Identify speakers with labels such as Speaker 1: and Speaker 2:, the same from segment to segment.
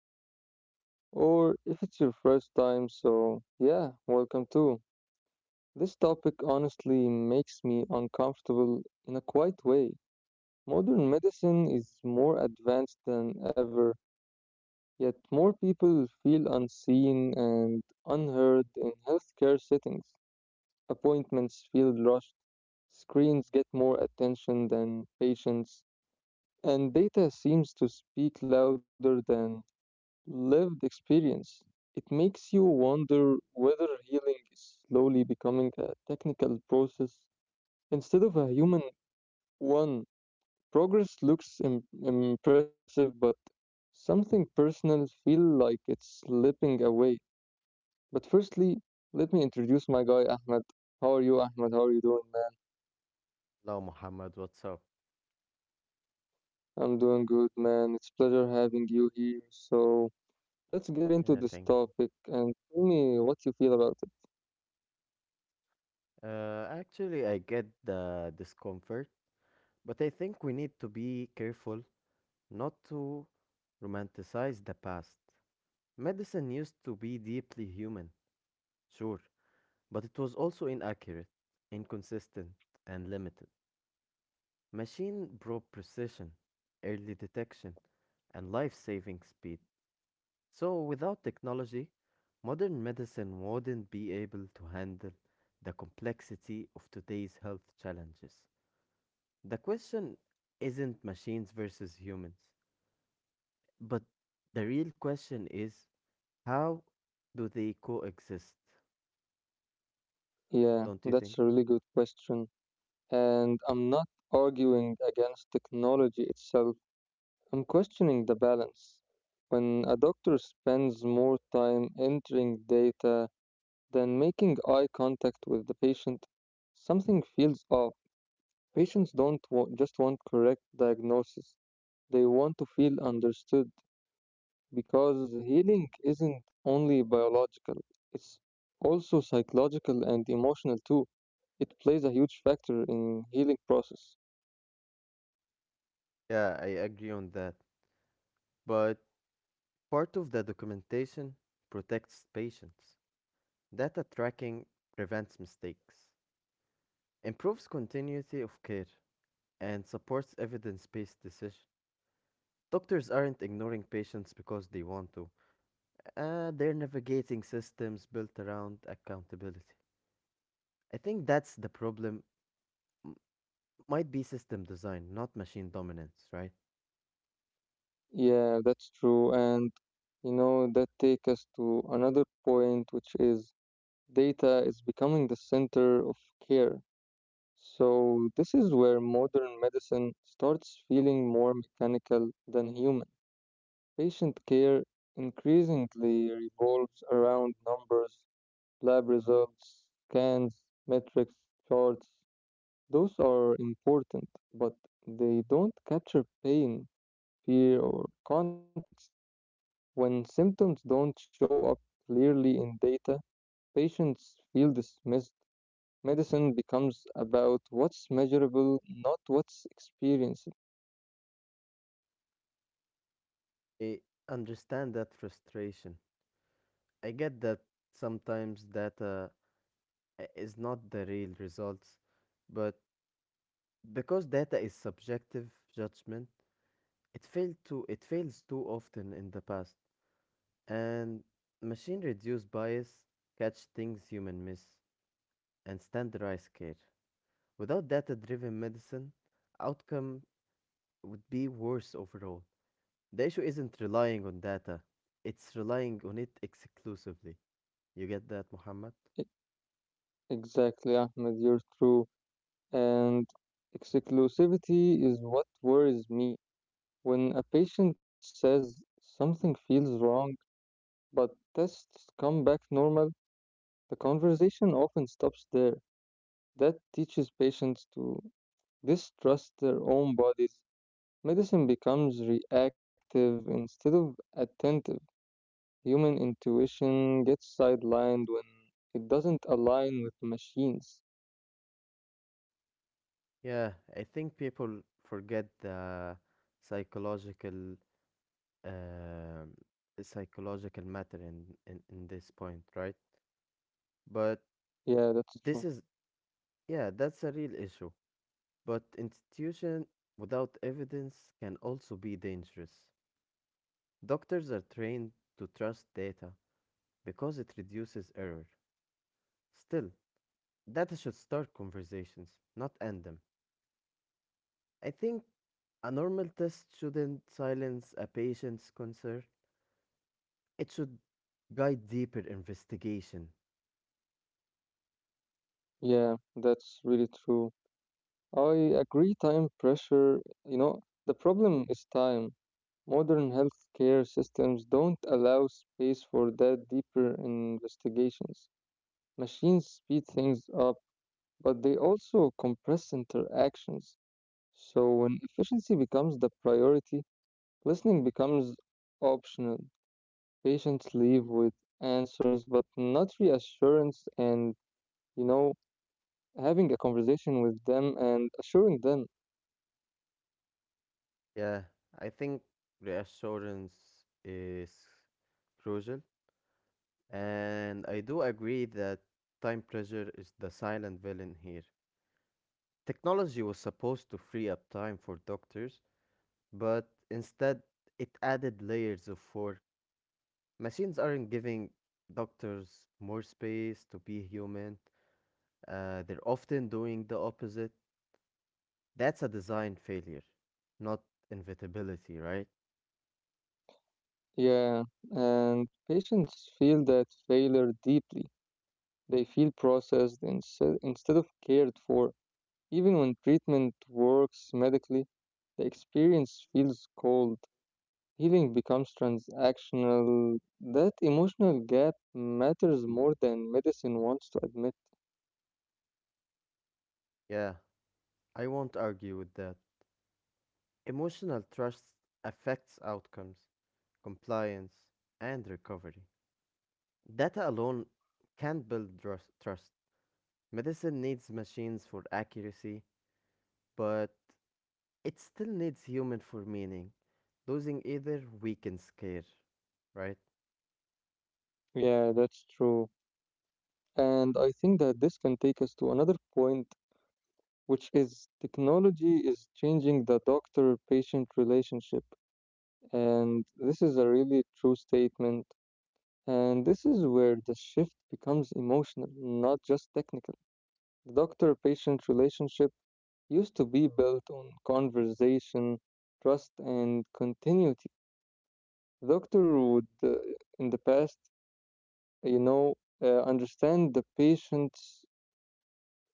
Speaker 1: the show. Or if it's your first time, so yeah, welcome too. This topic honestly makes me uncomfortable in a quiet way. Modern medicine is more advanced than ever, yet more people feel unseen and unheard in healthcare settings. Appointments feel rushed, screens get more attention than patients, and data seems to speak louder than lived experience. It makes you wonder whether healing is slowly becoming a technical process instead of a human one. Progress looks impressive, but something personal feel like it's slipping away. But firstly, let me introduce my guy Ahmed. How are you, Ahmed? How are you doing, man?
Speaker 2: Hello, Muhammad. What's up?
Speaker 1: I'm doing good, man. It's pleasure having you here. So let's get into
Speaker 2: Yeah,
Speaker 1: this
Speaker 2: thank you.
Speaker 1: topic and tell me what you feel about it.
Speaker 2: Actually, I get the discomfort, but I think we need to be careful not to romanticize the past. Medicine used to be deeply human, sure, but it was also inaccurate, inconsistent, and limited. Machine brought precision, early detection, and life saving speed. So, without technology, modern medicine wouldn't be able to handle the complexity of today's health challenges. The question isn't machines versus humans, but the real question is how do they coexist?
Speaker 1: Yeah,
Speaker 2: Don't you
Speaker 1: that's a
Speaker 2: think?
Speaker 1: really good question. And I'm not arguing against technology itself, I'm questioning the balance. When a doctor spends more time entering data than making eye contact with the patient, something feels off. Patients don't wa- just want correct diagnosis, they want to feel understood because healing isn't only biological, it's also psychological and emotional too. It plays a huge factor in healing process.
Speaker 2: Yeah, I agree on that. But part of the documentation protects patients. Data tracking prevents mistakes, improves continuity of care, and supports evidence based decisions. Doctors aren't ignoring patients because they want to. They're navigating systems built around accountability. I think that's the problem. M- might be system design, not machine dominance, right?
Speaker 1: Yeah, that's true. And you know, that takes us to another point, which is data is becoming the center of care. So, this is where modern medicine starts feeling more mechanical than human. Patient care increasingly revolves around numbers, lab results, scans, metrics, charts. Those are important, but they don't capture pain, fear, or context. When symptoms don't show up clearly in data, patients feel dismissed. Medicine becomes about what's measurable, not what's experienced.
Speaker 2: I understand that frustration. I get that sometimes data is not the real results, but because data is subjective judgment, it failed to it fails too often in the past, and machine reduce bias catch things human miss, and standardized care. Without data driven medicine, outcome would be worse overall. The issue isn't relying on data, it's relying on it exclusively. You get that, Muhammad?
Speaker 1: E- Exactly, Ahmed, you're true. And exclusivity is what worries me. When a patient says something feels wrong, but tests come back normal, the conversation often stops there. That teaches patients to distrust their own bodies. Medicine becomes reactive instead of attentive. Human intuition gets sidelined when it doesn't align with machines.
Speaker 2: Yeah, I think people forget the psychological um psychological matter in this point, right? But
Speaker 1: Yeah, that's true.
Speaker 2: this is yeah, that's a real issue. But institution without evidence can also be dangerous. Doctors are trained to trust data because it reduces error. Still, data should start conversations, not end them. I think a normal test shouldn't silence a patient's concern, it should guide deeper investigation.
Speaker 1: Yeah, that's really true. I agree, time pressure, you know, the problem is time. Modern healthcare systems don't allow space for that deeper investigations. Machines speed things up, but they also compress interactions. So when efficiency becomes the priority, listening becomes optional. Patients leave with answers but not reassurance, and you know, having a conversation with them and assuring them.
Speaker 2: Yeah, I think reassurance is crucial, and I do agree that time pressure is the silent villain here. Technology was supposed to free up time for doctors, but instead it added layers of four. Machines aren't giving doctors more space to be human, they're often doing the opposite. That's a design failure, not inevitability, right?
Speaker 1: Yeah, and patients feel that failure deeply. They feel processed instead of cared for. Even when treatment works medically, the experience feels cold. Healing becomes transactional. That emotional gap matters more than medicine wants to admit.
Speaker 2: Yeah, I won't argue with that. Emotional trust affects outcomes, compliance, and recovery. Data alone can't build trust. Medicine needs machines for accuracy, but it still needs human for meaning. Losing either weakens care, right?
Speaker 1: Yeah, that's true. And I think that this can take us to another point, which is technology is changing the doctor patient relationship. And this is a really true statement. And this is where the shift becomes emotional, not just technical. The doctor patient relationship used to be built on conversation, trust, and continuity. Doctor would, in the past, you know, understand the patient's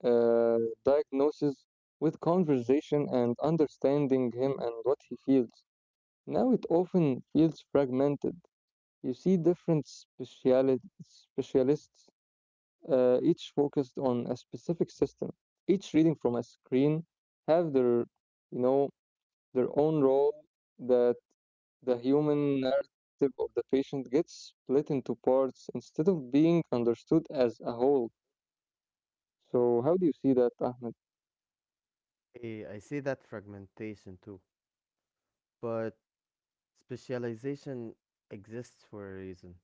Speaker 1: uh, diagnosis with conversation and understanding him and what he feels. Now it often feels fragmented. You see different specialists, each focused on a specific system, each reading from a screen, have their, you know, their own role, the The human narrative of the patient gets split into parts instead of being understood as a whole. So, how do you see that, Ahmed?
Speaker 2: I see that fragmentation too, but specialization exists for a reason.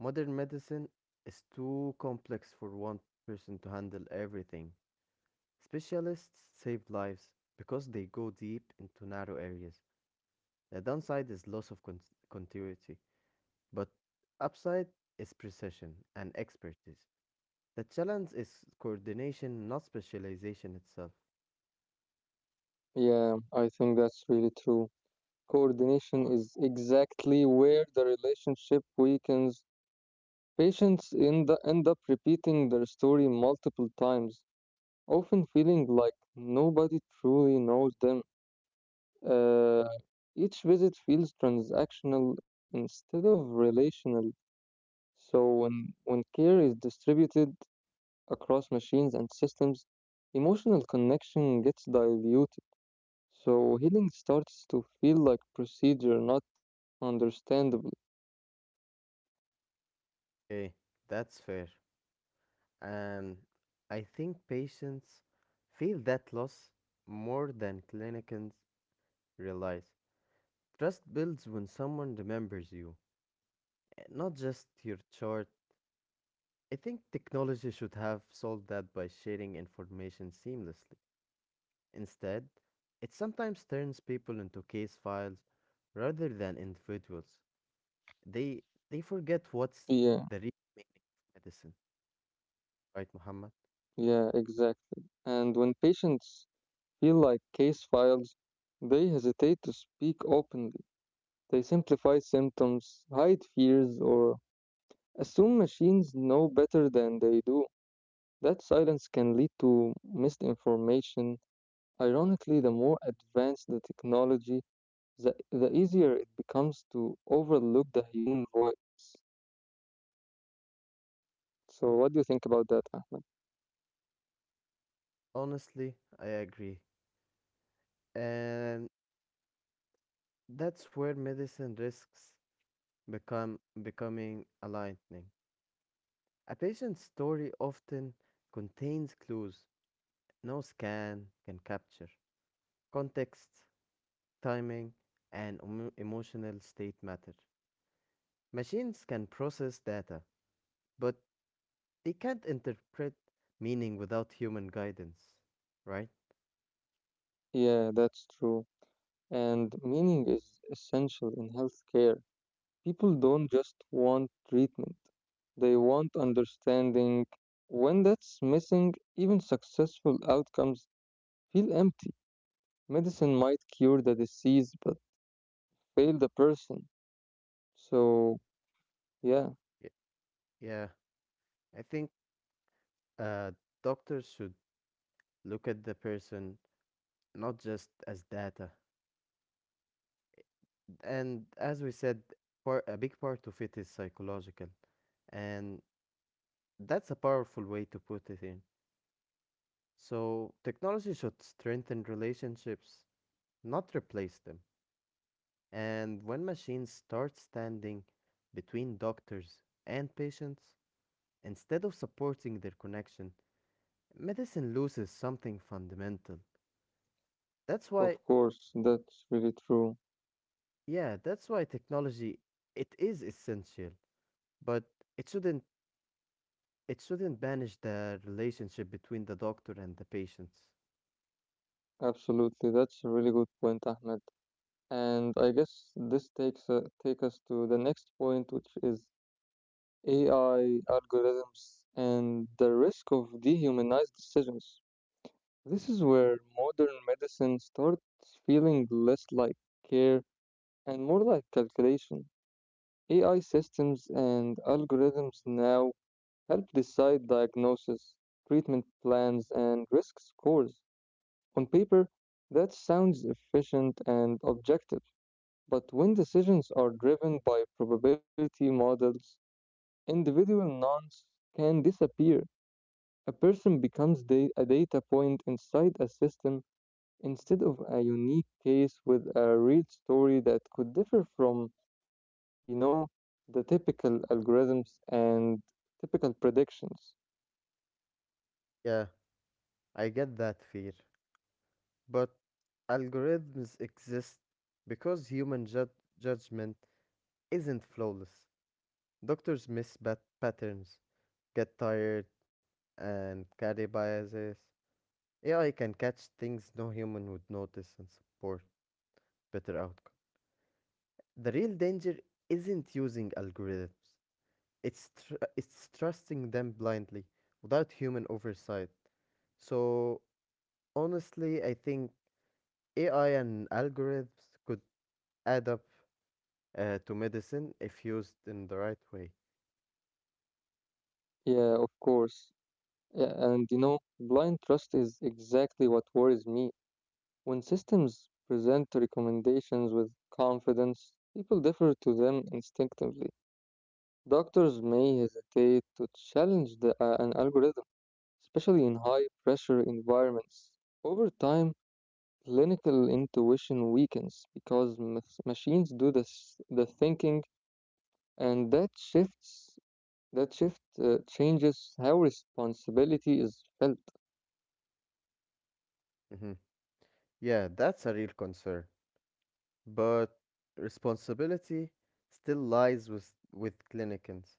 Speaker 2: Modern medicine is too complex for one person to handle everything. Specialists save lives because they go deep into narrow areas. The downside is loss of continuity, but upside is precision and expertise. The challenge is coordination, not specialization itself.
Speaker 1: Yeah, I think that's really true. Coordination is exactly where the relationship weakens. Patients end up repeating their story multiple times, often feeling like nobody truly knows them. Uh, each visit feels transactional instead of relational. So when care is distributed across machines and systems, emotional connection gets diluted. So healing starts to feel like procedure, not understandable.
Speaker 2: Eh, that's fair. Um, I think patients feel that loss more than clinicians realize. Trust builds when someone remembers you, not just your chart. I think technology should have solved that by sharing information seamlessly. Instead, it sometimes turns people into case files rather than individuals. They they forget
Speaker 1: Yeah,
Speaker 2: what's the real meaning of medicine, right, Muhammad?
Speaker 1: yeah, exactly. And when patients feel like case files, they hesitate to speak openly. They simplify symptoms, hide fears, or assume machines know better than they do. That silence can lead to misinformation. Ironically, the more advanced the technology, the easier it becomes to overlook the human voice. So, what do you think about that, Ahmed?
Speaker 2: Honestly, I agree. And that's where medicine risks become becoming alarming. A patient's story often contains clues no scan can capture. Context, timing, and emotional state matter. Machines can process data, but they can't interpret meaning without human guidance, right?
Speaker 1: Yeah, that's true. And meaning is essential in healthcare. People don't just want treatment, they want understanding. When that's missing, even successful outcomes feel empty. Medicine might cure the disease but fail the person. So, yeah,
Speaker 2: Y- Yeah, I think uh, doctors should look at the person not just as data. And as we said, par a big part of it is psychological, and that's a powerful way to put it in. So, technology should strengthen relationships, not replace them. And when machines start standing between doctors and patients, instead of supporting their connection, medicine loses something fundamental. That's why,
Speaker 1: of course, that's really true.
Speaker 2: yeah, that's why technology it is essential, but it shouldn't it shouldn't banish the relationship between the doctor and the patient.
Speaker 1: Absolutely, that's a really good point, Ahmed. And I guess this take us to the next point, which is AI algorithms and the risk of dehumanized decisions. This is where modern medicine starts feeling less like care and more like calculation. AI systems and algorithms now help decide diagnosis, treatment plans, and risk scores. On paper, that sounds efficient and objective. But when decisions are driven by probability models, individual nouns can disappear. A person becomes a data point inside a system instead of a unique case with a real story that could differ from, you know, the typical algorithms and typical predictions.
Speaker 2: Yeah, I get that fear. But algorithms exist because human judgment isn't flawless. Doctors miss bad patterns, get tired, and carry biases. AI can catch things no human would notice and support better outcome. The real danger isn't using algorithms. It's trusting them blindly without human oversight. So honestly, I think AI and algorithms could add up to medicine if used in the right way.
Speaker 1: Yeah, of course. Yeah, and you know, blind trust is exactly what worries me. When systems present recommendations with confidence, people defer to them instinctively. Doctors may hesitate to challenge an algorithm, especially in high pressure environments. Over time, clinical intuition weakens because machines do the thinking, and that shift changes how responsibility is felt.
Speaker 2: hmm Yeah, that's a real concern. But responsibility still lies with clinicians.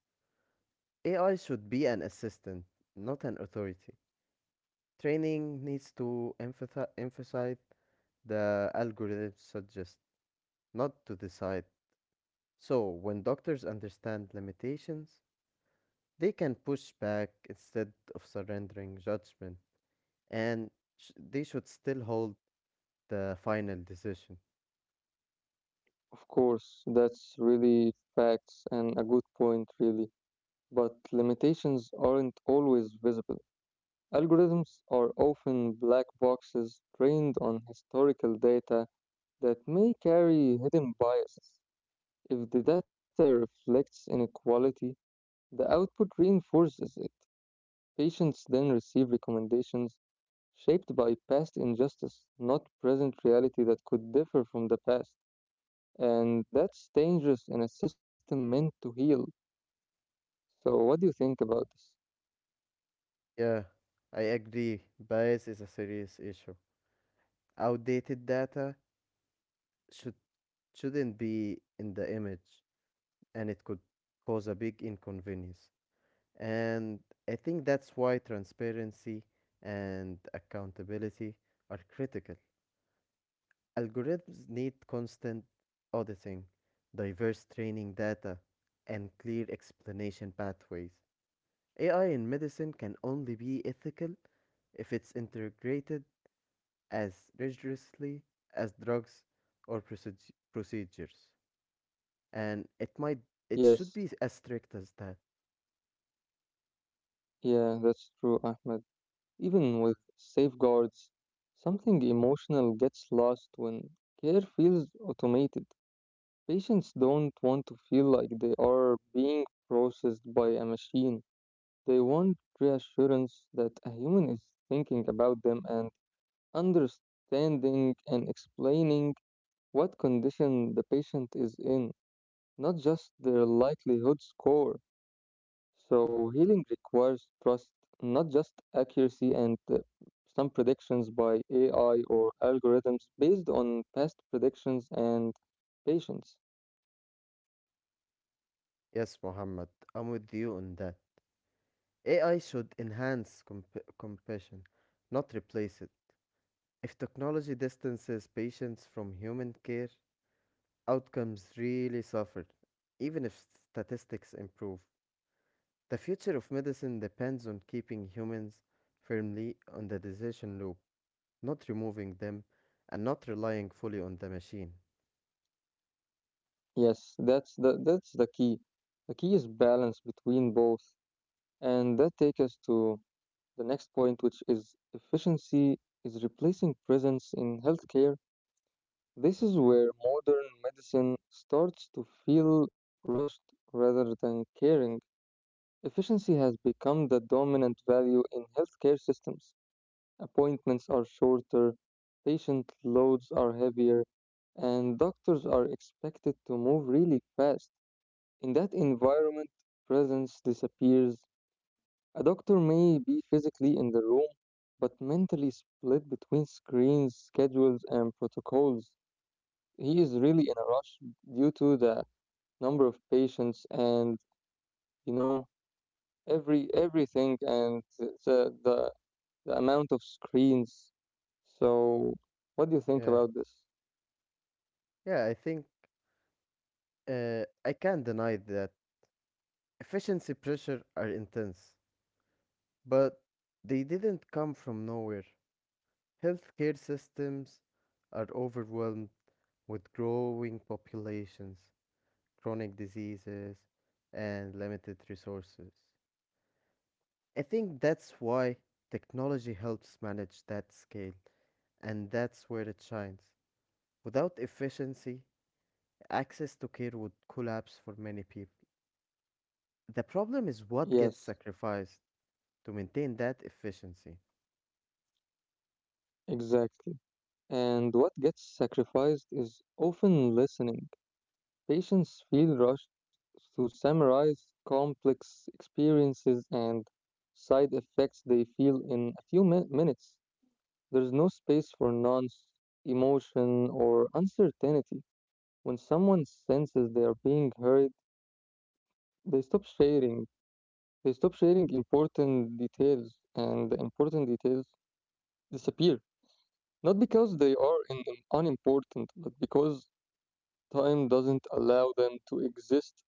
Speaker 2: AI should be an assistant, not an authority. Training needs to emphasize the algorithm suggest not to decide. So, when doctors understand limitations, they can push back instead of surrendering judgment, and they should still hold the final decision.
Speaker 1: Of course, that's really facts and a good point, really. But limitations aren't always visible. Algorithms are often black boxes trained on historical data that may carry hidden biases. If the data reflects inequality, the output reinforces it. Patients then receive recommendations shaped by past injustice, not present reality that could differ from the past. And that's dangerous in a system meant to heal. So, what do you think about this?
Speaker 2: Yeah, I agree. Bias is a serious issue. Outdated data should shouldn't be in the image, and it could cause a big inconvenience. And I think that's why transparency and accountability are critical. Algorithms need constant auditing, diverse training data, and clear explanation pathways. AI in medicine can only be ethical if it's integrated as rigorously as drugs or procedures. And it
Speaker 1: Yes,
Speaker 2: should be as strict as that.
Speaker 1: yeah, that's true, Ahmed. Even with safeguards, something emotional gets lost when care feels automated. Patients don't want to feel like they are being processed by a machine. They want reassurance that a human is thinking about them and understanding and explaining what condition the patient is in, not just their likelihood score. So healing requires trust, not just accuracy, and some predictions by AI or algorithms based on past predictions and patience.
Speaker 2: Yes, Muhammad, I'm with you on that. AI should enhance compassion, not replace it. If technology distances patients from human care, outcomes really suffer, even if statistics improve. The future of medicine depends on keeping humans firmly on the decision loop, not removing them, and not relying fully on the machine.
Speaker 1: Yes, that's the key. The key is balance between both. And that takes us to the next point, which is efficiency is replacing presence in healthcare. This is where modern medicine starts to feel rushed rather than caring. Efficiency has become the dominant value in healthcare systems. Appointments are shorter, patient loads are heavier, and doctors are expected to move really fast. In that environment, presence disappears. A doctor may be physically in the room, but mentally split between screens, schedules, and protocols. He is really in a rush due to the number of patients and, you know, everything and the the the amount of screens. So, what do you
Speaker 2: Yeah,
Speaker 1: think about this?
Speaker 2: yeah, I think I can't deny that efficiency pressure are intense, but they didn't come from nowhere. Healthcare systems are overwhelmed with growing populations, chronic diseases, and limited resources. I think that's why technology helps manage that scale, and that's where it shines. Without efficiency, access to care would collapse for many people. The problem is what
Speaker 1: Yes,
Speaker 2: gets sacrificed to maintain that efficiency.
Speaker 1: exactly. And what gets sacrificed is often listening. Patients feel rushed to summarize complex experiences and side effects they feel in a few minutes. There's no space for nuance, emotion, or uncertainty. When someone senses they are being heard, they stop sharing they stop sharing important details, and the important details disappear. Not because they are in unimportant, but because time doesn't allow them to exist,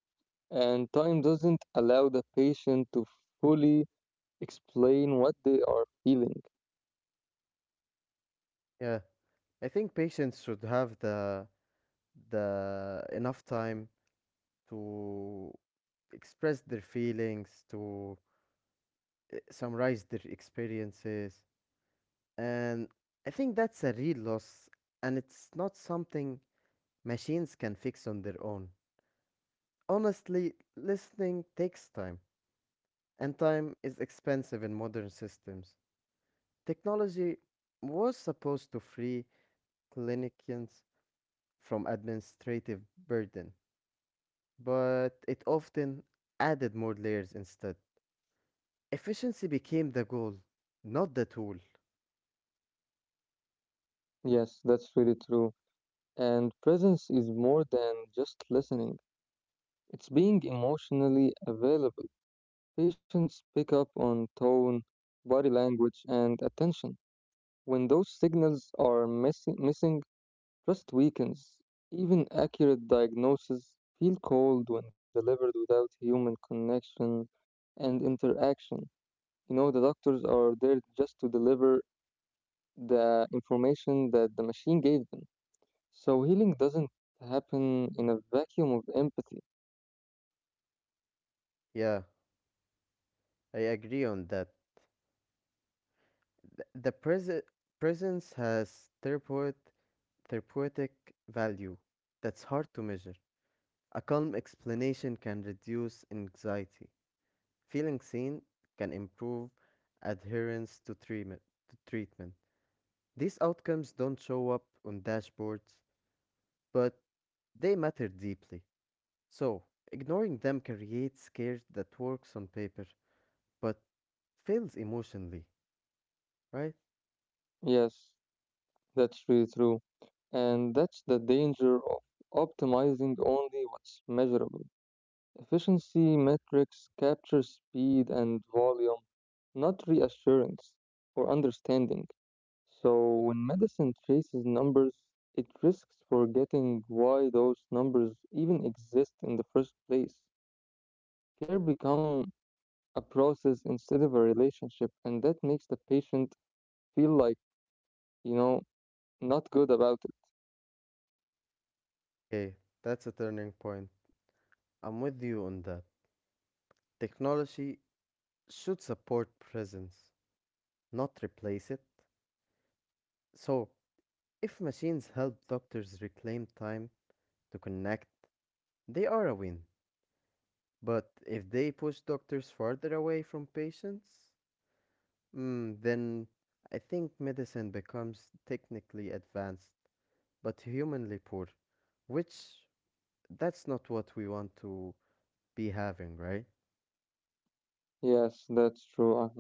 Speaker 1: and time doesn't allow the patient to fully explain what they are feeling.
Speaker 2: Yeah, I think patients should have the enough time to express their feelings, to summarize their experiences. And I think that's a real loss, and it's not something machines can fix on their own. Honestly, listening takes time, and time is expensive in modern systems. Technology was supposed to free clinicians from administrative burden, but it often added more layers instead. Efficiency became the goal, not the tool.
Speaker 1: Yes, that's really true. And presence is more than just listening, it's being emotionally available. Patients pick up on tone, body language, and attention. When those signals are missing, trust weakens. Even accurate diagnoses feel cold when delivered without human connection and interaction. You know, the doctors are there just to deliver the information that the machine gave them. So healing doesn't happen in a vacuum of empathy.
Speaker 2: Yeah, I agree on that. Th- The present presence has throughput therapeutic value that's hard to measure. A calm explanation can reduce anxiety. Feeling seen can improve adherence to treatment. To treatment. These outcomes don't show up on dashboards, but they matter deeply. So, ignoring them creates scare that works on paper but fails emotionally, right?
Speaker 1: Yes, that's really true. And that's the danger of optimizing only what's measurable. Efficiency metrics capture speed and volume, not reassurance or understanding. So when medicine chases numbers, it risks forgetting why those numbers even exist in the first place. Care become a process instead of a relationship, and that makes the patient feel like, you know, not good about it.
Speaker 2: Okay, that's a turning point. I'm with you on that. Technology should support presence, not replace it. So, if machines help doctors reclaim time to connect, they are a win. But if they push doctors farther away from patients, then I think medicine becomes technically advanced, but humanly poor, which that's not what we want to be having, right?
Speaker 1: Yes, that's true, Ahmed.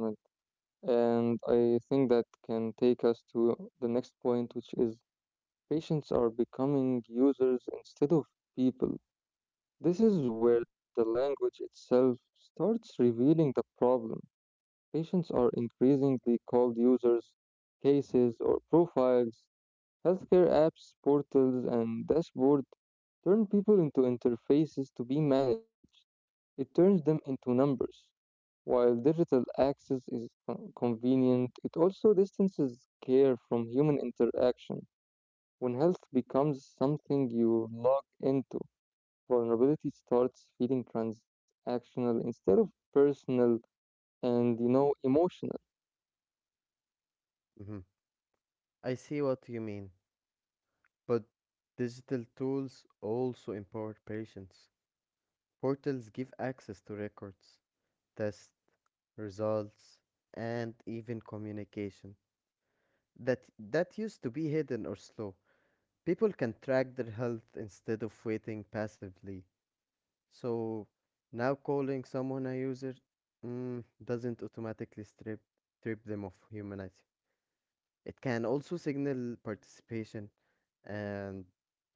Speaker 1: And I think that can take us to the next point, which is patients are becoming users instead of people. This is where the language itself starts revealing the problem. Patients are increasingly called users, cases, or profiles. Healthcare apps, portals, and dashboards turn people into interfaces to be managed. It turns them into numbers. While digital access is convenient, it also distances care from human interaction. When health becomes something you log into, vulnerability starts feeling transactional instead of personal, and you know, emotional.
Speaker 2: hmm I see what you mean, but digital tools also empower patients. Portals give access to records, tests, results, and even communication that used to be hidden or slow. People can track their health instead of waiting passively. So now calling someone a user doesn't automatically strip them of humanity. It can also signal participation and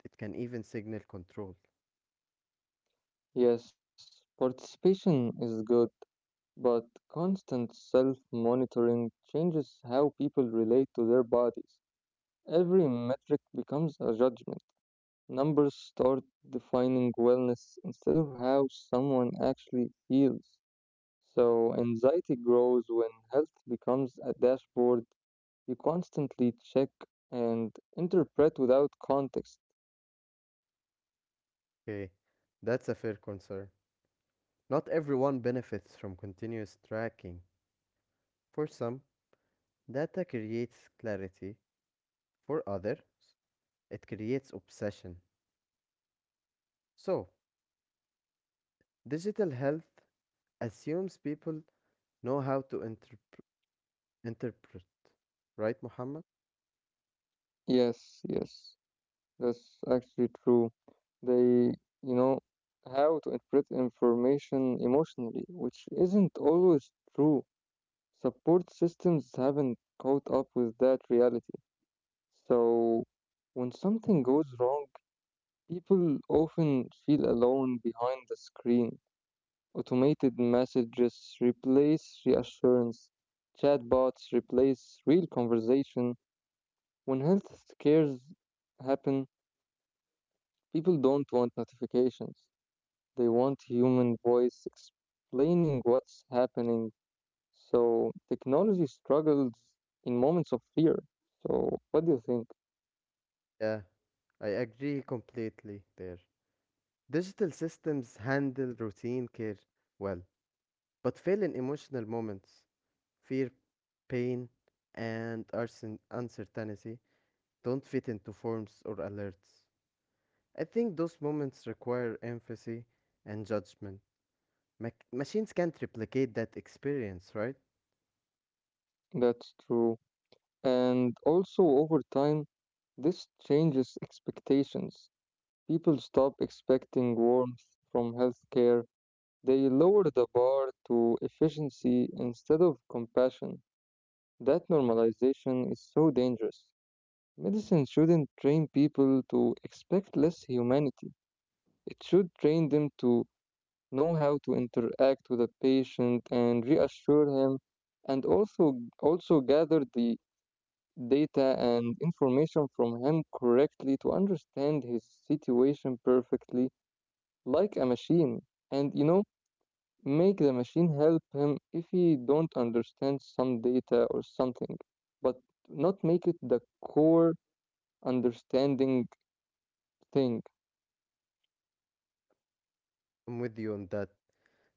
Speaker 2: it can even signal control.
Speaker 1: Yes, participation is good, but constant self monitoring changes how people relate to their bodies. Every metric becomes a judgment. Numbers start defining wellness instead of how someone actually feels. So, anxiety grows when health becomes a dashboard. You constantly check and interpret without context.
Speaker 2: Okay, that's a fair concern. Not everyone benefits from continuous tracking. For some, data creates clarity for others, it creates obsession. So, digital health assumes people know how to interpret. Right, Muhammad?
Speaker 1: Yes, that's actually true. They, you know, how to interpret information emotionally, which isn't always true. Support systems haven't caught up with that reality. So, when something goes wrong, people often feel alone behind the screen. Automated messages replace reassurance. Chatbots replace real conversation. When health scares happen, people don't want notifications. They want human voice explaining what's happening. So technology struggles in moments of fear. So what do you think?
Speaker 2: Yeah, I agree completely there. Digital systems handle routine care well, but fail in emotional moments. Fear, pain, and uncertainty don't fit into forms or alerts. I think those moments require empathy and judgment. Machines can't replicate that experience, right?
Speaker 1: That's true. And also over time, this changes expectations. People stop expecting warmth from healthcare. They lowered the bar to efficiency instead of compassion. That normalization is so dangerous. Medicine shouldn't train people to expect less humanity. It should train them to know how to interact with a patient and reassure him, and also gather the data and information from him correctly to understand his situation perfectly like a machine. And you know, make the machine help him if he don't understand some data or something, but not make it the core understanding thing.
Speaker 2: I'm with you on that.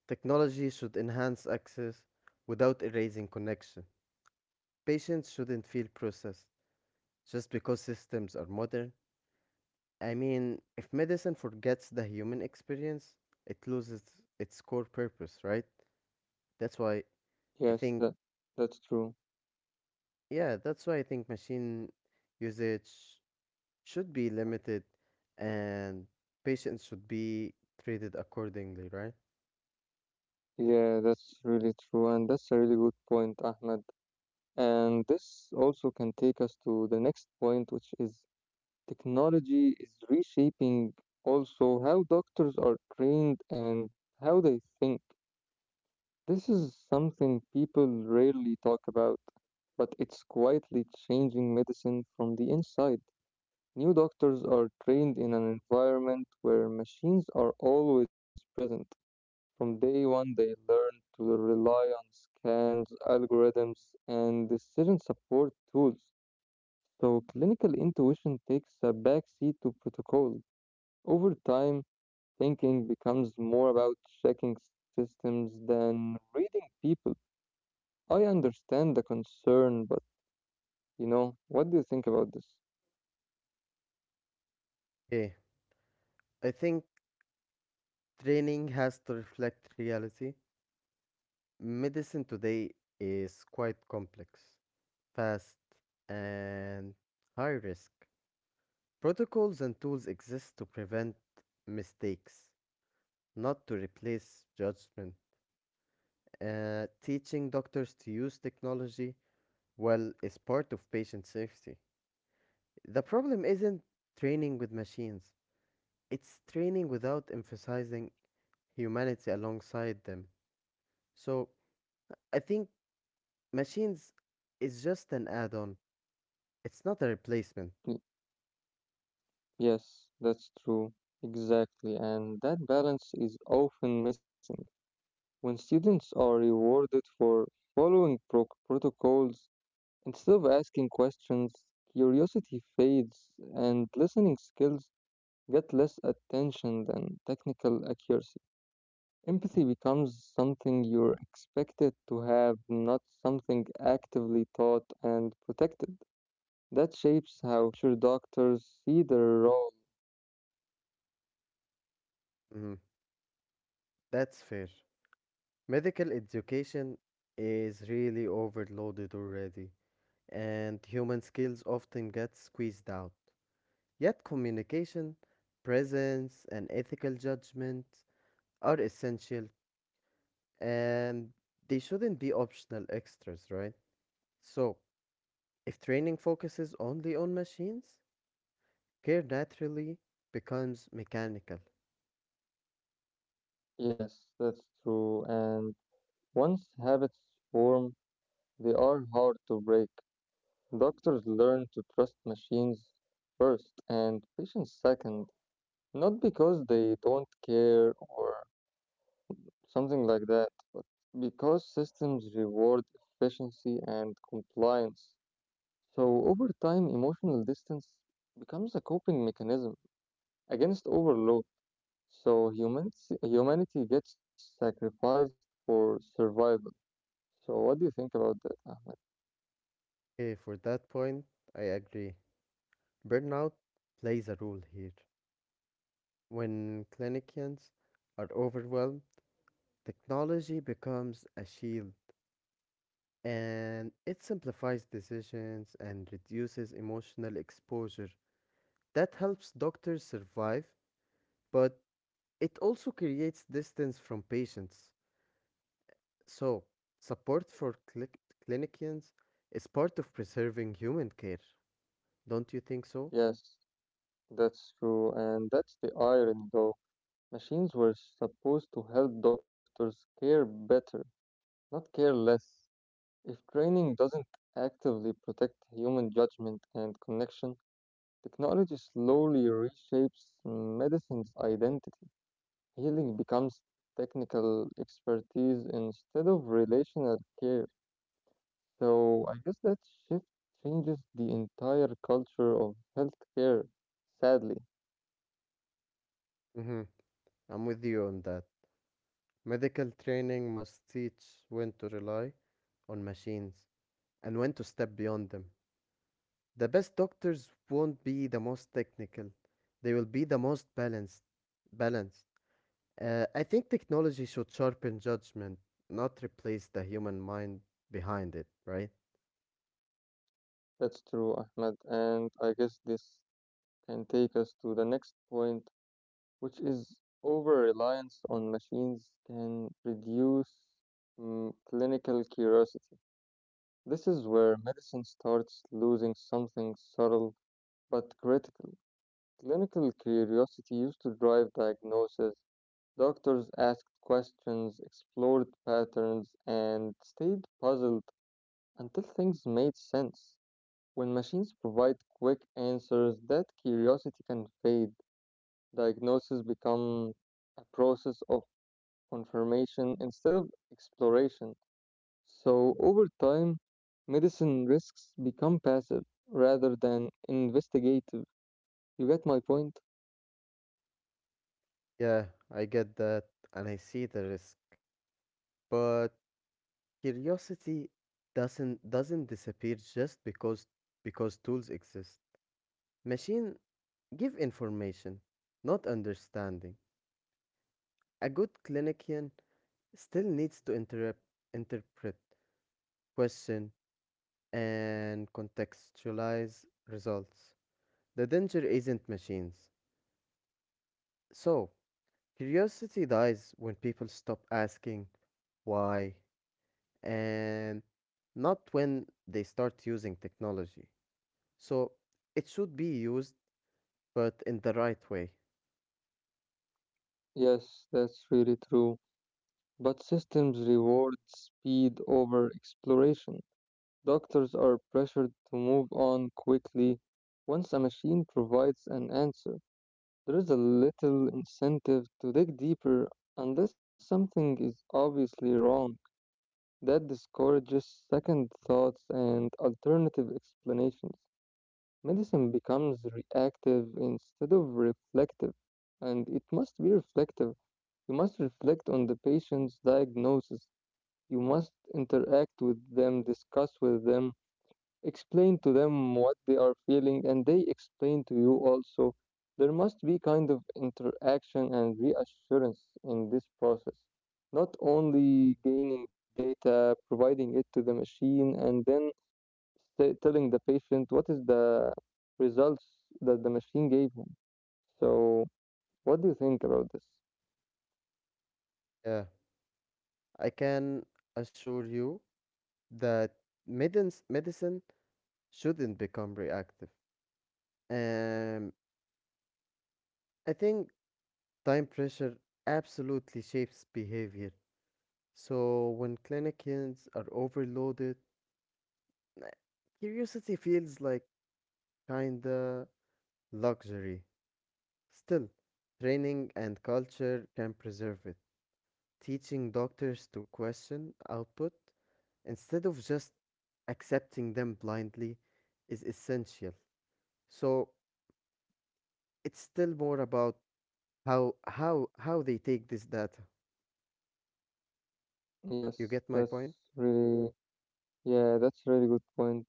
Speaker 2: Technology should enhance access without erasing connection. Patients shouldn't feel processed just because systems are modern. I mean, if medicine forgets the human experience, it loses its core purpose, right? That's why I
Speaker 1: Yes, that
Speaker 2: think,
Speaker 1: that's true.
Speaker 2: Yeah, that's why I think machine usage should be limited and patients should be treated accordingly, right?
Speaker 1: Yeah, that's really true, and that's a really good point, Ahmed. And this also can take us to the next point, which is technology is reshaping also how doctors are trained and how they think. This is something people rarely talk about, but it's quietly changing medicine from the inside. New doctors are trained in an environment where machines are always present. From day one, they learn to rely on scans, algorithms, and decision support tools. So, clinical intuition takes a backseat to protocol. Over time, thinking becomes more about checking systems than reading people. I understand the concern, but you know, what do you think about this?
Speaker 2: Okay, I think training has to reflect reality. Medicine today is quite complex, fast, and high risk. Protocols and tools exist to prevent mistakes, not to replace judgment. Teaching doctors to use technology well is part of patient safety. The problem isn't training with machines, it's training without emphasizing humanity alongside them. So I think machines is just an add-on. It's not a replacement.
Speaker 1: Y- Yes, that's true. Exactly. And that balance is often missing. When students are rewarded for following protocols, instead of asking questions, curiosity fades and listening skills get less attention than technical accuracy. Empathy becomes something you're expected to have, not something actively taught and protected. That shapes how sure doctors see their role.
Speaker 2: Mm, that's fair. Medical education is really overloaded already, and human skills often get squeezed out. Yet communication, presence, and ethical judgment are essential, and they shouldn't be optional extras, right? So, if training focuses only on machines, care naturally becomes mechanical.
Speaker 1: Yes, that's true. And once habits form, they are hard to break. Doctors learn to trust machines first and patients second, not because they don't care or something like that, but because systems reward efficiency and compliance. So over time, emotional distance becomes a coping mechanism against overload. So humanity gets sacrificed for survival. So what do you think about that, Ahmed?
Speaker 2: Okay, for that point, I agree. Burnout plays a role here. When clinicians are overwhelmed, technology becomes a shield and it simplifies decisions and reduces emotional exposure. That helps doctors survive, but it also creates distance from patients. So, support for clinicians is part of preserving human care. Don't you think so?
Speaker 1: Yes, that's true, and that's the irony, though. Machines were supposed to help doctors care better, not care less. If training doesn't actively protect human judgment and connection, technology slowly reshapes medicine's identity. Healing becomes technical expertise instead of relational care. So I guess that shift changes the entire culture of healthcare. Sadly,
Speaker 2: Mm-hmm. I'm with you on that. Medical training must teach when to rely on machines and when to step beyond them. The best doctors won't be the most technical, they will be the most balanced. Balanced. I think technology should sharpen judgment, not replace the human mind behind it, right?
Speaker 1: that's true, Ahmed. And I guess this can take us to the next point, which is over reliance on machines can reduce clinical curiosity. This is where medicine starts losing something subtle but critical. Clinical curiosity used to drive diagnosis. Doctors asked questions, explored patterns, and stayed puzzled until things made sense. When machines provide quick answers, that curiosity can fade. Diagnoses become a process of confirmation instead of exploration. So, over time, medicine risks become passive rather than investigative. You get my point?
Speaker 2: Yeah, I get that and I see the risk, but curiosity doesn't disappear just because tools exist. Machine give information, not understanding. A good clinician still needs to interrupt, interpret, question, and contextualize results. The danger isn't machines. So, curiosity dies when people stop asking why and not when they start using technology. So, it should be used, but in the right way.
Speaker 1: Yes, that's really true. But systems reward speed over exploration. Doctors are pressured to move on quickly. Once a machine provides an answer, there is a little incentive to dig deeper unless something is obviously wrong. That discourages second thoughts and alternative explanations. Medicine becomes reactive instead of reflective, and it must be reflective. You must reflect on the patient's diagnosis. You must interact with them, discuss with them, explain to them what they are feeling, and they explain to you also. There must be kind of interaction and reassurance in this process, not only gaining data, providing it to the machine, and then telling the patient what is the results that the machine gave him. So, what do you think about this?
Speaker 2: Yeah, I can assure you that medins medicine shouldn't become reactive. Um, I think time pressure absolutely shapes behavior. So when clinicians are overloaded, uh, curiosity feels like kinda luxury. Still, training and culture can preserve it. Teaching doctors to question output instead of just accepting them blindly is essential. So it's still more about how they take this data? You get
Speaker 1: Yes,
Speaker 2: my point?
Speaker 1: really, yeah, that's really good point.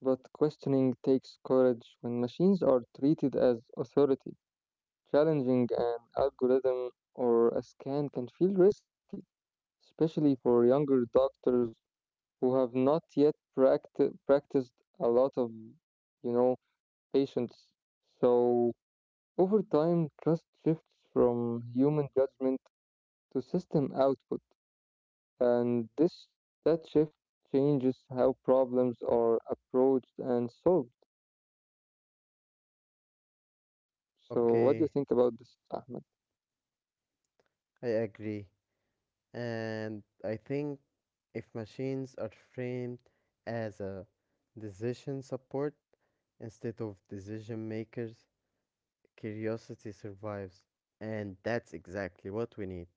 Speaker 1: But questioning takes courage when machines are treated as authority. Challenging an algorithm or a scan can feel risky, especially for younger doctors who have not yet practiced a lot of, you know, patients. So over time, trust shifts from human judgment to system output, and this that shift changes how problems are approached and solved. So,
Speaker 2: Okay,
Speaker 1: what do you think about this, Ahmed?
Speaker 2: I agree. And I think if machines are framed as a decision support instead of decision makers, curiosity survives. And that's exactly what we need.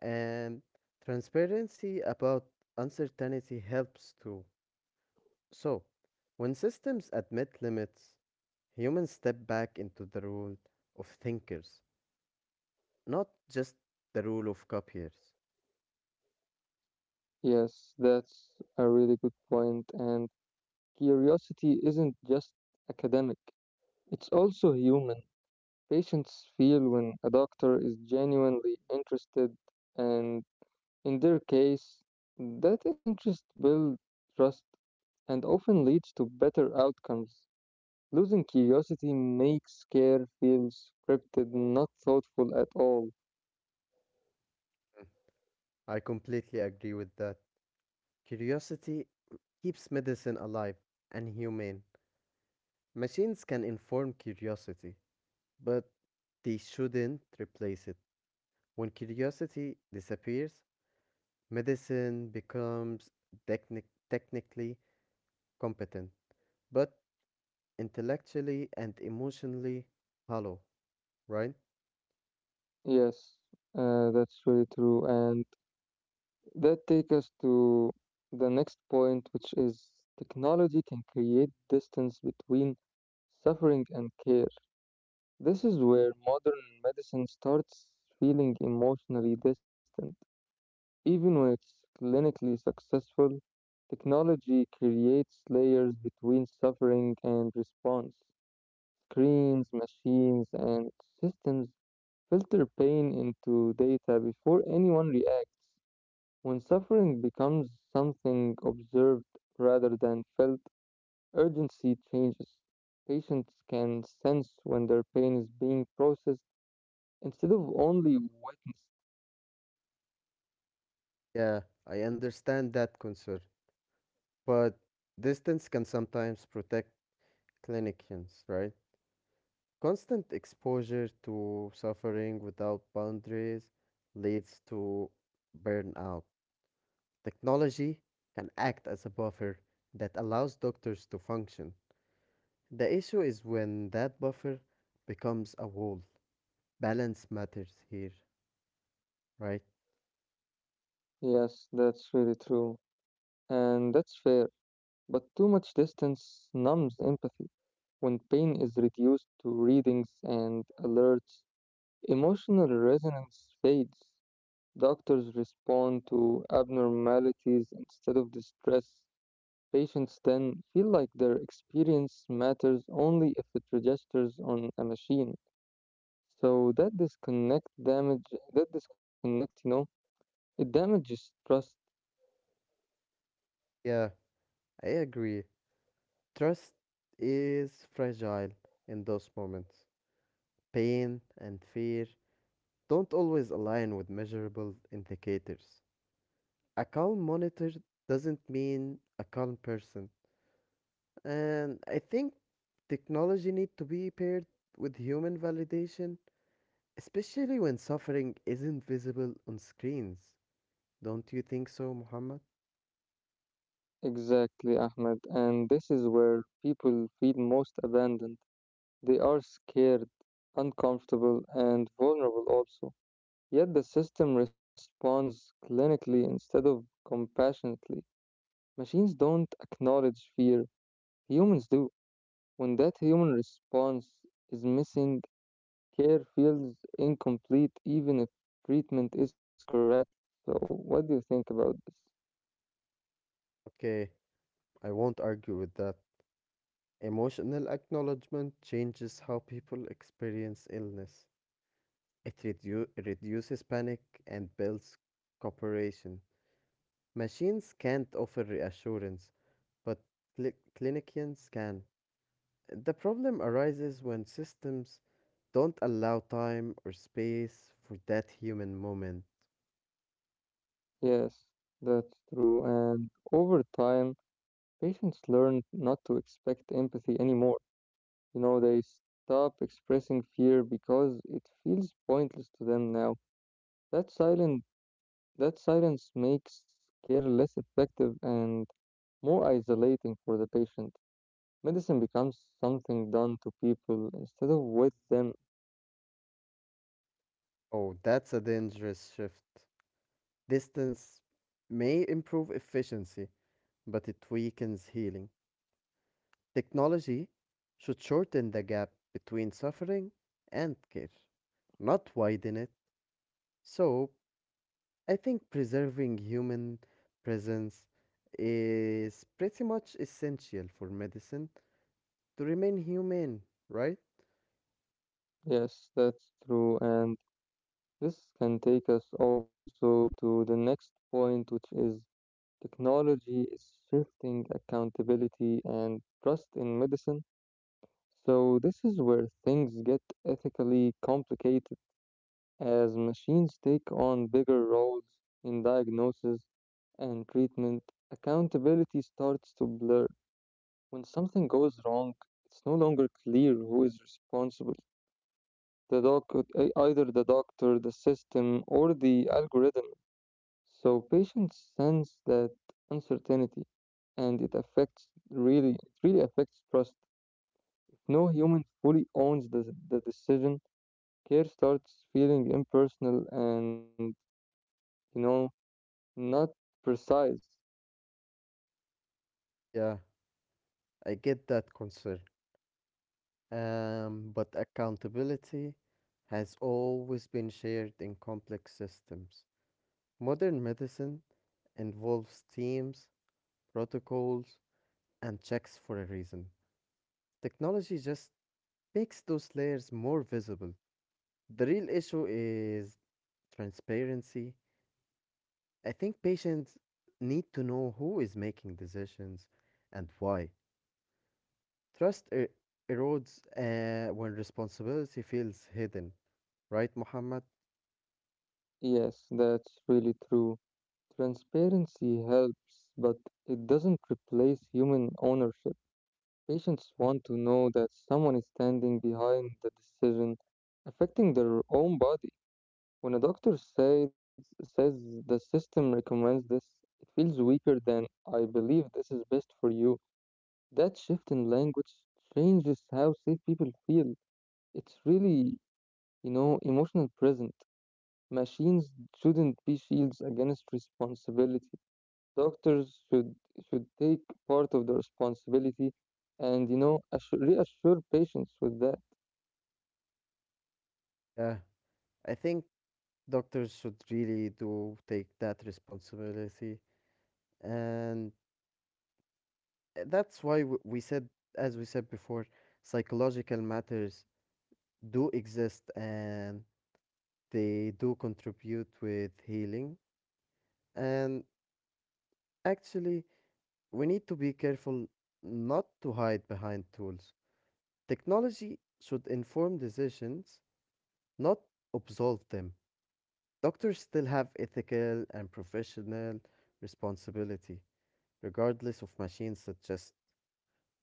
Speaker 2: And transparency about uncertainty helps too. So, when systems admit limits, humans step back into the role of thinkers. Not just the rule of copiers.
Speaker 1: Yes, that's a really good point. And curiosity isn't just academic, it's also human. Patients feel when a doctor is genuinely interested, and in their case, that interest builds trust and often leads to better outcomes. Losing curiosity makes care feel scripted, not thoughtful at all.
Speaker 2: Mm. I completely agree with that. Curiosity keeps medicine alive and humane. Machines can inform curiosity, but they shouldn't replace it. When curiosity disappears, medicine becomes technically competent, but intellectually and emotionally hollow, right?
Speaker 1: Yes, that's really true. And that takes us to the next point, which is technology can create distance between suffering and care. This is where modern medicine starts feeling emotionally distant. Even when it's clinically successful, technology creates layers between suffering and response. Screens, machines, and systems filter pain into data before anyone reacts. When suffering becomes something observed rather than felt, urgency changes. Patients can sense when their pain is being processed instead of only witnessed.
Speaker 2: Yeah, I understand that concern, but distance can sometimes protect clinicians, right? Constant exposure to suffering without boundaries leads to burnout. Technology can act as a buffer that allows doctors to function. The issue is when that buffer becomes a wall. Balance matters here, right?
Speaker 1: Yes, that's really true. And that's fair. But too much distance numbs empathy. When pain is reduced to readings and alerts, emotional resonance fades. Doctors respond to abnormalities instead of distress. Patients then feel like their experience matters only if it registers on a machine. So that disconnect, you know, it damages trust
Speaker 2: Yeah, I agree. Trust is fragile in those moments. Pain and fear don't always align with measurable indicators. A calm monitor doesn't mean a calm person. And I think technology need to be paired with human validation, especially when suffering isn't visible on screens. Don't you think so, Muhammad?
Speaker 1: exactly, Ahmed. And this is where people feel most abandoned. They are scared, uncomfortable, and vulnerable also. Yet the system responds clinically instead of compassionately. Machines don't acknowledge fear, humans do. When that human response is missing, care feels incomplete even if treatment is correct. So, what do you think about this?
Speaker 2: Okay, I won't argue with that. Emotional acknowledgement changes how people experience illness. It reduces panic and builds cooperation. Machines can't offer reassurance, but cli- clinicians can. The problem arises when systems don't allow time or space for that human moment.
Speaker 1: Yes, that's true. And over time, patients learn not to expect empathy anymore. You know, they stop expressing fear because it feels pointless to them now. That silent that silence makes care less effective and more isolating for the patient. Medicine becomes something done to people instead of with them.
Speaker 2: Oh, that's a dangerous shift. Distance may improve efficiency, but it weakens healing. Technology should shorten the gap between suffering and care, not widen it. So, I think preserving human presence is pretty much essential for medicine to remain humane, right?
Speaker 1: Yes, that's true. And this can take us also to the next point, which is technology is shifting accountability and trust in medicine. So, this is where things get ethically complicated as machines take on bigger roles in diagnosis and treatment. Accountability starts to blur. When something goes wrong, it's no longer clear who is responsible. The either the doctor, the system, or the algorithm. So patients sense that uncertainty, and it really affects trust. If no human fully owns the decision, care starts feeling impersonal and you know not precise.
Speaker 2: Yeah, I get that concern. But accountability has always been shared in complex systems. Modern medicine involves teams, protocols, and checks for a reason. Technology just makes those layers more visible. The real issue is transparency. I think patients need to know who is making decisions and why. Trust erodes when responsibility feels hidden. Right, Muhammad?
Speaker 1: Yes, that's really true. Transparency helps, but it doesn't replace human ownership. Patients want to know that someone is standing behind the decision affecting their own body. When a doctor says the system recommends this, it feels weaker than I believe this is best for you. That shift in language changes how safe people feel. It's really, you know, emotional present. Machines shouldn't be shields against responsibility. Doctors should take part of the responsibility and you know assure, reassure patients with that.
Speaker 2: Yeah, I think doctors should really do take that responsibility. And that's why we said, as we said before, psychological matters do exist and they do contribute with healing. And actually, we need to be careful not to hide behind tools. Technology should inform decisions, not absolve them. Doctors still have ethical and professional responsibility, regardless of machines such as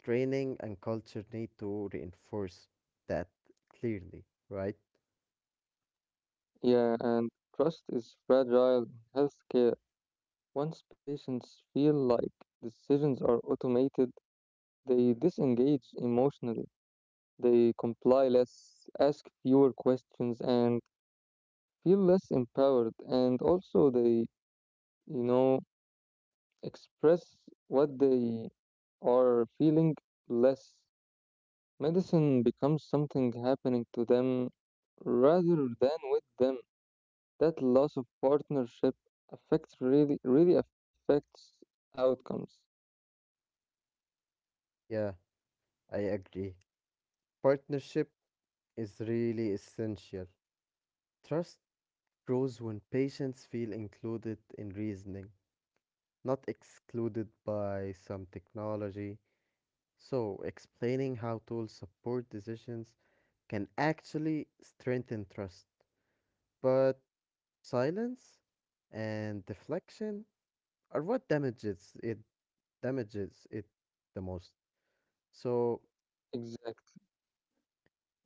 Speaker 2: training and culture need to reinforce that clearly, right?
Speaker 1: Yeah, and trust is fragile in healthcare. Once patients feel like decisions are automated, they disengage emotionally. They comply less, ask fewer questions, and feel less empowered. And also, they, you know, express what they are feeling less. Medicine becomes something happening to them rather than with them. That loss of partnership affects really really affects outcomes.
Speaker 2: Yeah, I agree. Partnership is really essential. Trust grows when patients feel included in reasoning, not excluded by some technology. So, explaining how tools support decisions can actually strengthen trust. But silence and deflection are what damages it the most. So
Speaker 1: Exactly.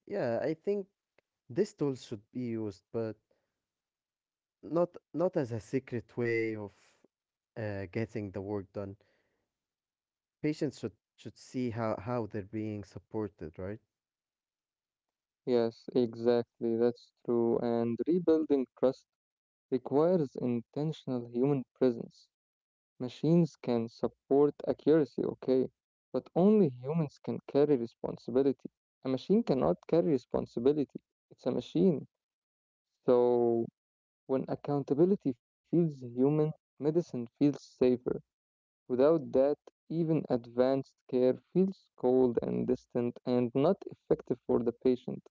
Speaker 2: yeah, I think this tool should be used, but not as a secret way of getting the work done. Patients should see how they're being supported, right?
Speaker 1: Yes, exactly. That's true. And rebuilding trust requires intentional human presence. Machines can support accuracy, okay, but only humans can carry responsibility. A machine cannot carry responsibility, it's a machine. So, when accountability feels human, medicine feels safer. Without that, even advanced care feels cold and distant and not effective for the patient.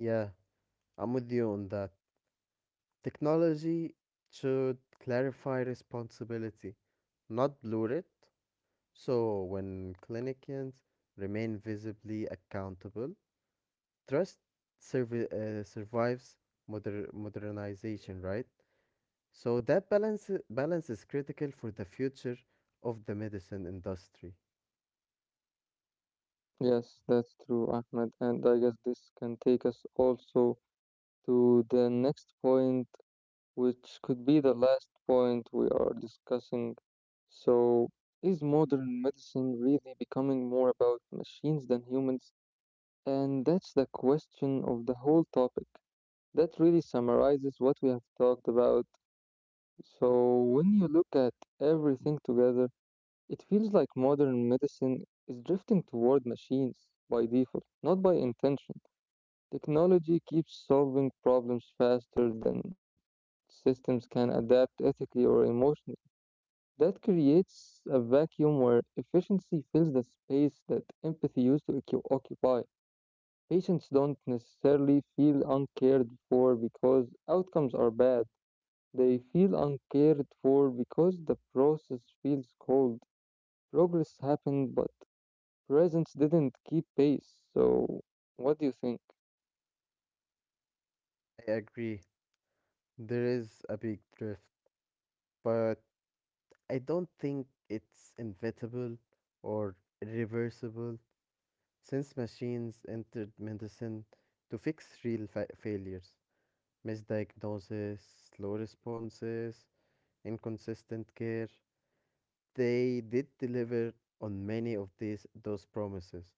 Speaker 2: Yeah, I'm with you on that. Technology should clarify responsibility, not blur it. So, when clinicians remain visibly accountable, trust survives modernization, right? So, that balance is critical for the future of the medicine industry.
Speaker 1: Yes, that's true, Ahmed. And I guess this can take us also to the next point, which could be the last point we are discussing. So, is modern medicine really becoming more about machines than humans? And that's the question of the whole topic. That really summarizes what we have talked about. So, when you look at everything together, it feels like modern medicine is drifting toward machines by default, not by intention. Technology keeps solving problems faster than systems can adapt ethically or emotionally. That creates a vacuum where efficiency fills the space that empathy used to occupy. Patients don't necessarily feel uncared for because outcomes are bad. They feel uncared for because the process feels cold. Progress happened, but presence didn't keep pace. So, what do you think?
Speaker 2: I agree, there is a big drift, but I don't think it's inevitable or irreversible since machines entered medicine to fix real failures. Misdiagnosis, slow responses, inconsistent care. They did deliver on many of these those promises.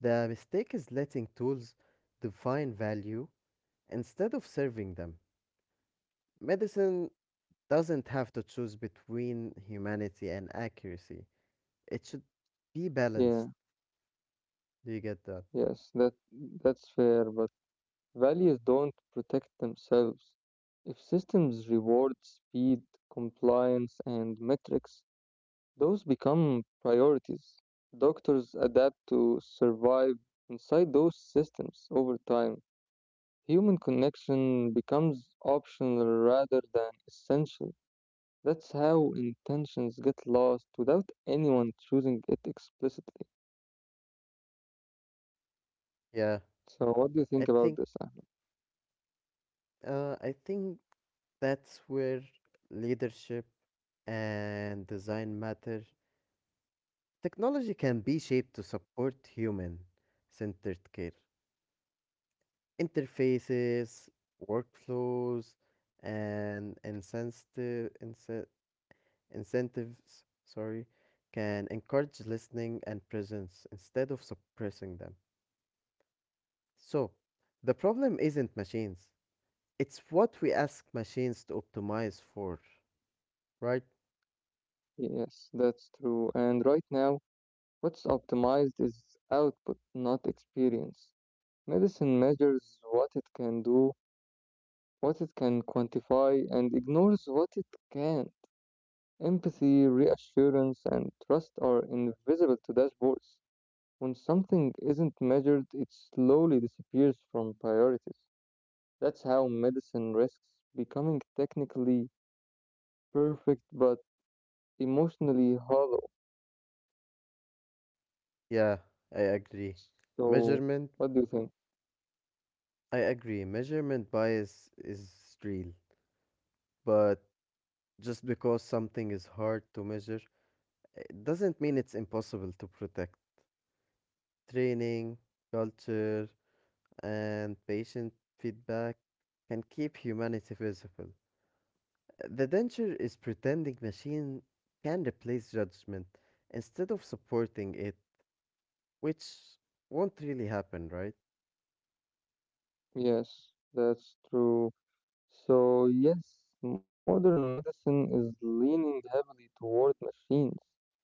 Speaker 2: The mistake is letting tools define value instead of serving them. Medicine doesn't have to choose between humanity and accuracy. It should be
Speaker 1: Yeah.
Speaker 2: balanced. Do you get that?
Speaker 1: Yes, that's fair, but values don't protect themselves. If systems reward speed, compliance, and metrics, those become priorities. Doctors adapt to survive inside those systems over time. Human connection becomes optional rather than essential. That's how intentions get lost without anyone choosing it explicitly.
Speaker 2: Yeah.
Speaker 1: So, what do you
Speaker 2: I
Speaker 1: think about
Speaker 2: think
Speaker 1: this?
Speaker 2: I think that's where leadership and design matter. Technology can be shaped to support human centered care. Interfaces, workflows, and incentives, sorry, can encourage listening and presence instead of suppressing them. So, the problem isn't machines, it's what we ask machines to optimize for, right?
Speaker 1: Yes, that's true. And right now, what's optimized is output, not experience. Medicine measures what it can do, what it can quantify, and ignores what it can't. Empathy, reassurance, and trust are invisible to dashboards. When something isn't measured, it slowly disappears from priorities. That's how medicine risks becoming technically perfect but emotionally hollow.
Speaker 2: Yeah, I agree.
Speaker 1: So,
Speaker 2: Measurement,
Speaker 1: what do you think?
Speaker 2: I agree. Measurement bias is real, but just because something is hard to measure, it doesn't mean it's impossible to protect. Training, culture, and patient feedback can keep humanity visible. The danger is pretending machine can replace judgment instead of supporting it, which won't really happen, right?
Speaker 1: Yes, that's true. So, yes, modern medicine is leaning heavily toward machines,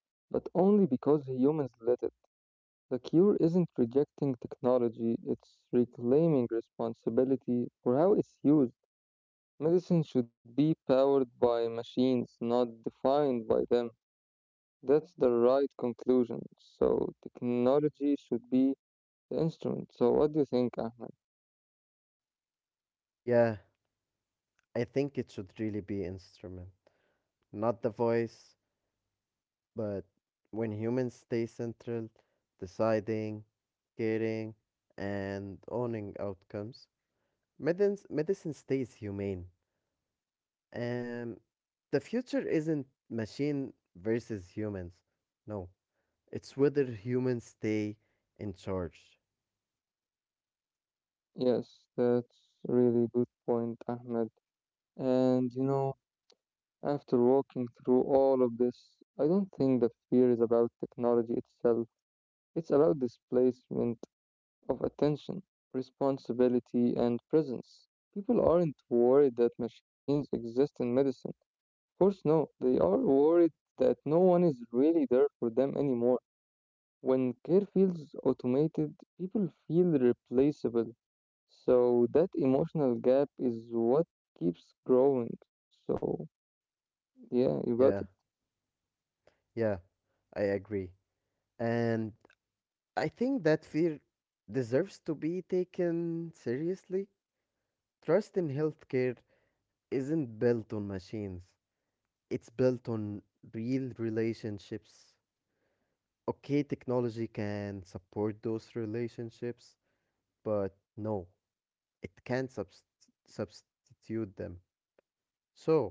Speaker 1: but only because humans let it. The cure isn't rejecting technology, it's reclaiming responsibility for how it's used. Medicine should be powered by machines, not defined by them. That's the right conclusion. So, technology should be the instrument. So, what do you think, Ahmed?
Speaker 2: Yeah, I think it should really be instrument, not the voice. But when humans stay central, deciding, caring, and owning outcomes, medicine stays humane. Um, the future isn't machine versus humans. No, it's whether humans stay in charge.
Speaker 1: Yes, that's a really good point, Ahmed. And you know, after walking through all of this, I don't think the fear is about technology itself. It's about displacement of attention, responsibility, and presence. People aren't worried that machines exist in medicine. Of course, no, they are worried that no one is really there for them anymore. When care feels automated, people feel replaceable. So that emotional gap is what keeps growing. So yeah, you got it.
Speaker 2: Yeah, yeah, I agree. And I think that fear deserves to be taken seriously. Trust in healthcare isn't built on machines. It's built on real relationships. Okay, technology can support those relationships, but no, it can't subst- substitute them. So,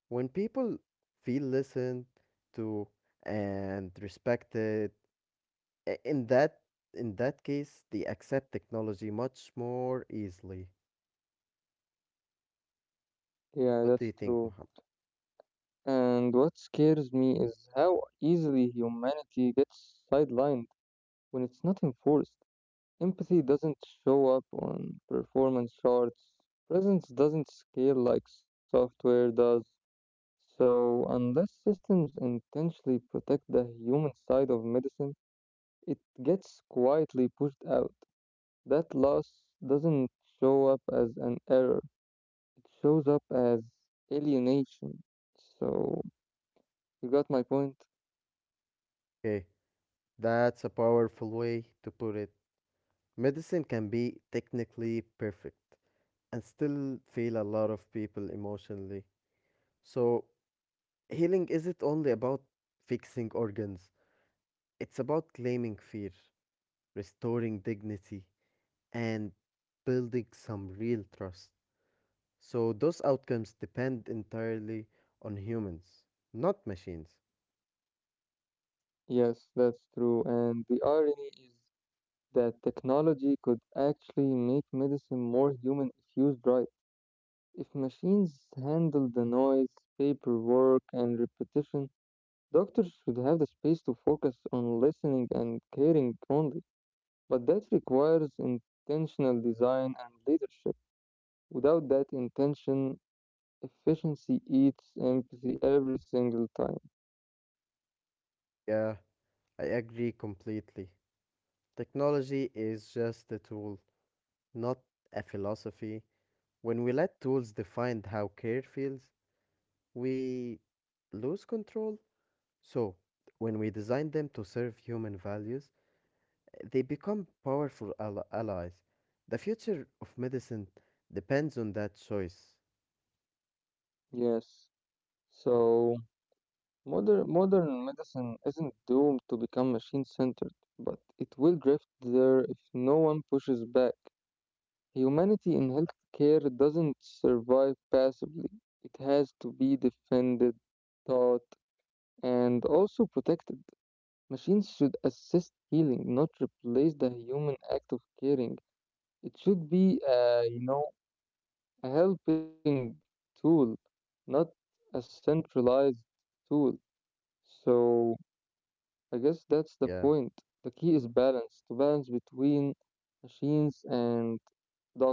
Speaker 2: when people feel listened to and respected, in that case, they accept technology much more easily.
Speaker 1: Yeah,
Speaker 2: What do you
Speaker 1: that's
Speaker 2: think,
Speaker 1: true.
Speaker 2: Muhammad?
Speaker 1: And what scares me is how easily humanity gets sidelined when it's not enforced. Empathy doesn't show up on performance charts. Presence doesn't scale like software does. So unless systems intentionally protect the human side of medicine, it gets quietly pushed out. That loss doesn't show up as an error, it shows up as alienation. So, you got my point?
Speaker 2: Okay, that's a powerful way to put it. Medicine can be technically perfect, and still feel a lot of people emotionally. So, healing isn't only about fixing organs, it's about claiming fear, restoring dignity, and building some real trust. So, those outcomes depend entirely on humans, not machines.
Speaker 1: Yes, that's true. And the irony is that technology could actually make medicine more human if used right. If machines handle the noise, paperwork, and repetition, doctors should have the space to focus on listening and caring only. But that requires intentional design and leadership. Without that intention, efficiency eats empathy every single time.
Speaker 2: Yeah, I agree completely. Technology is just a tool, not a philosophy. When we let tools define how care feels, we lose control. So, when we design them to serve human values, they become powerful allies. The future of medicine depends on that choice.
Speaker 1: Yes. So modern medicine isn't doomed to become machine centered, but it will drift there if no one pushes back. Humanity in healthcare doesn't survive passively. It has to be defended, taught, and also protected. Machines should assist healing, not replace the human act of caring. It should be, you know, a helping tool, not a centralized tool. So I guess that's the
Speaker 2: Yeah,
Speaker 1: point. The key is balance, to balance between machines and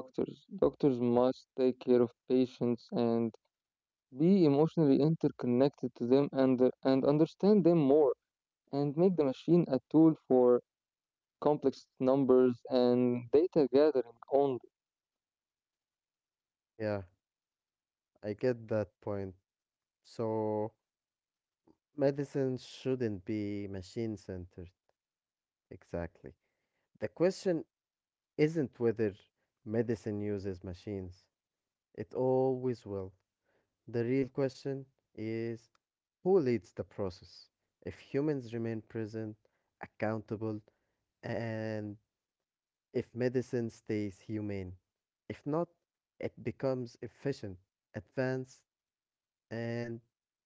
Speaker 1: doctors. Doctors must take care of patients and be emotionally interconnected to them, and understand them more and make the machine a tool for complex numbers and data gathering only.
Speaker 2: yeah, I get that point. So, medicine shouldn't be machine centered. Exactly. The question isn't whether medicine uses machines, it always will. The real question is who leads the process? If humans remain present, accountable, and if medicine stays humane, if not, it becomes efficient, advanced, and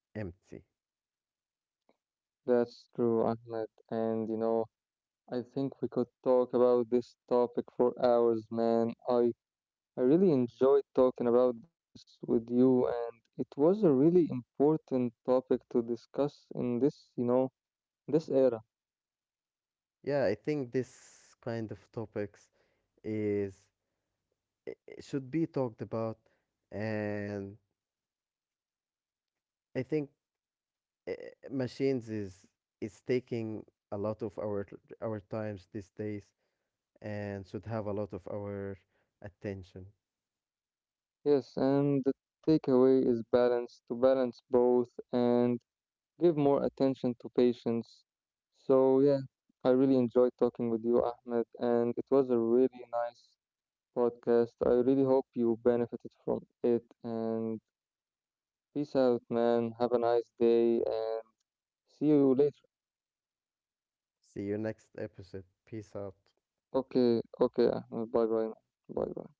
Speaker 2: empty.
Speaker 1: That's true, Ahmed. And you know, I think we could talk about this topic for hours, man. I really enjoyed talking about this with you, and it was a really important topic to discuss in this, you know, this era.
Speaker 2: Yeah, I think this kind of topics is should be talked about, and I think uh, machines is taking a lot of our times these days and should have a lot of our attention.
Speaker 1: Yes, and the takeaway is balance, to balance both, and give more attention to patients. So, yeah, I really enjoyed talking with you, Ahmed, and it was a really nice podcast. I really hope you benefited from it. And peace out, man. Have a nice day, and see you later.
Speaker 2: See you next episode. Peace out.
Speaker 1: Okay, okay, Ahmed. Bye bye. Bye bye.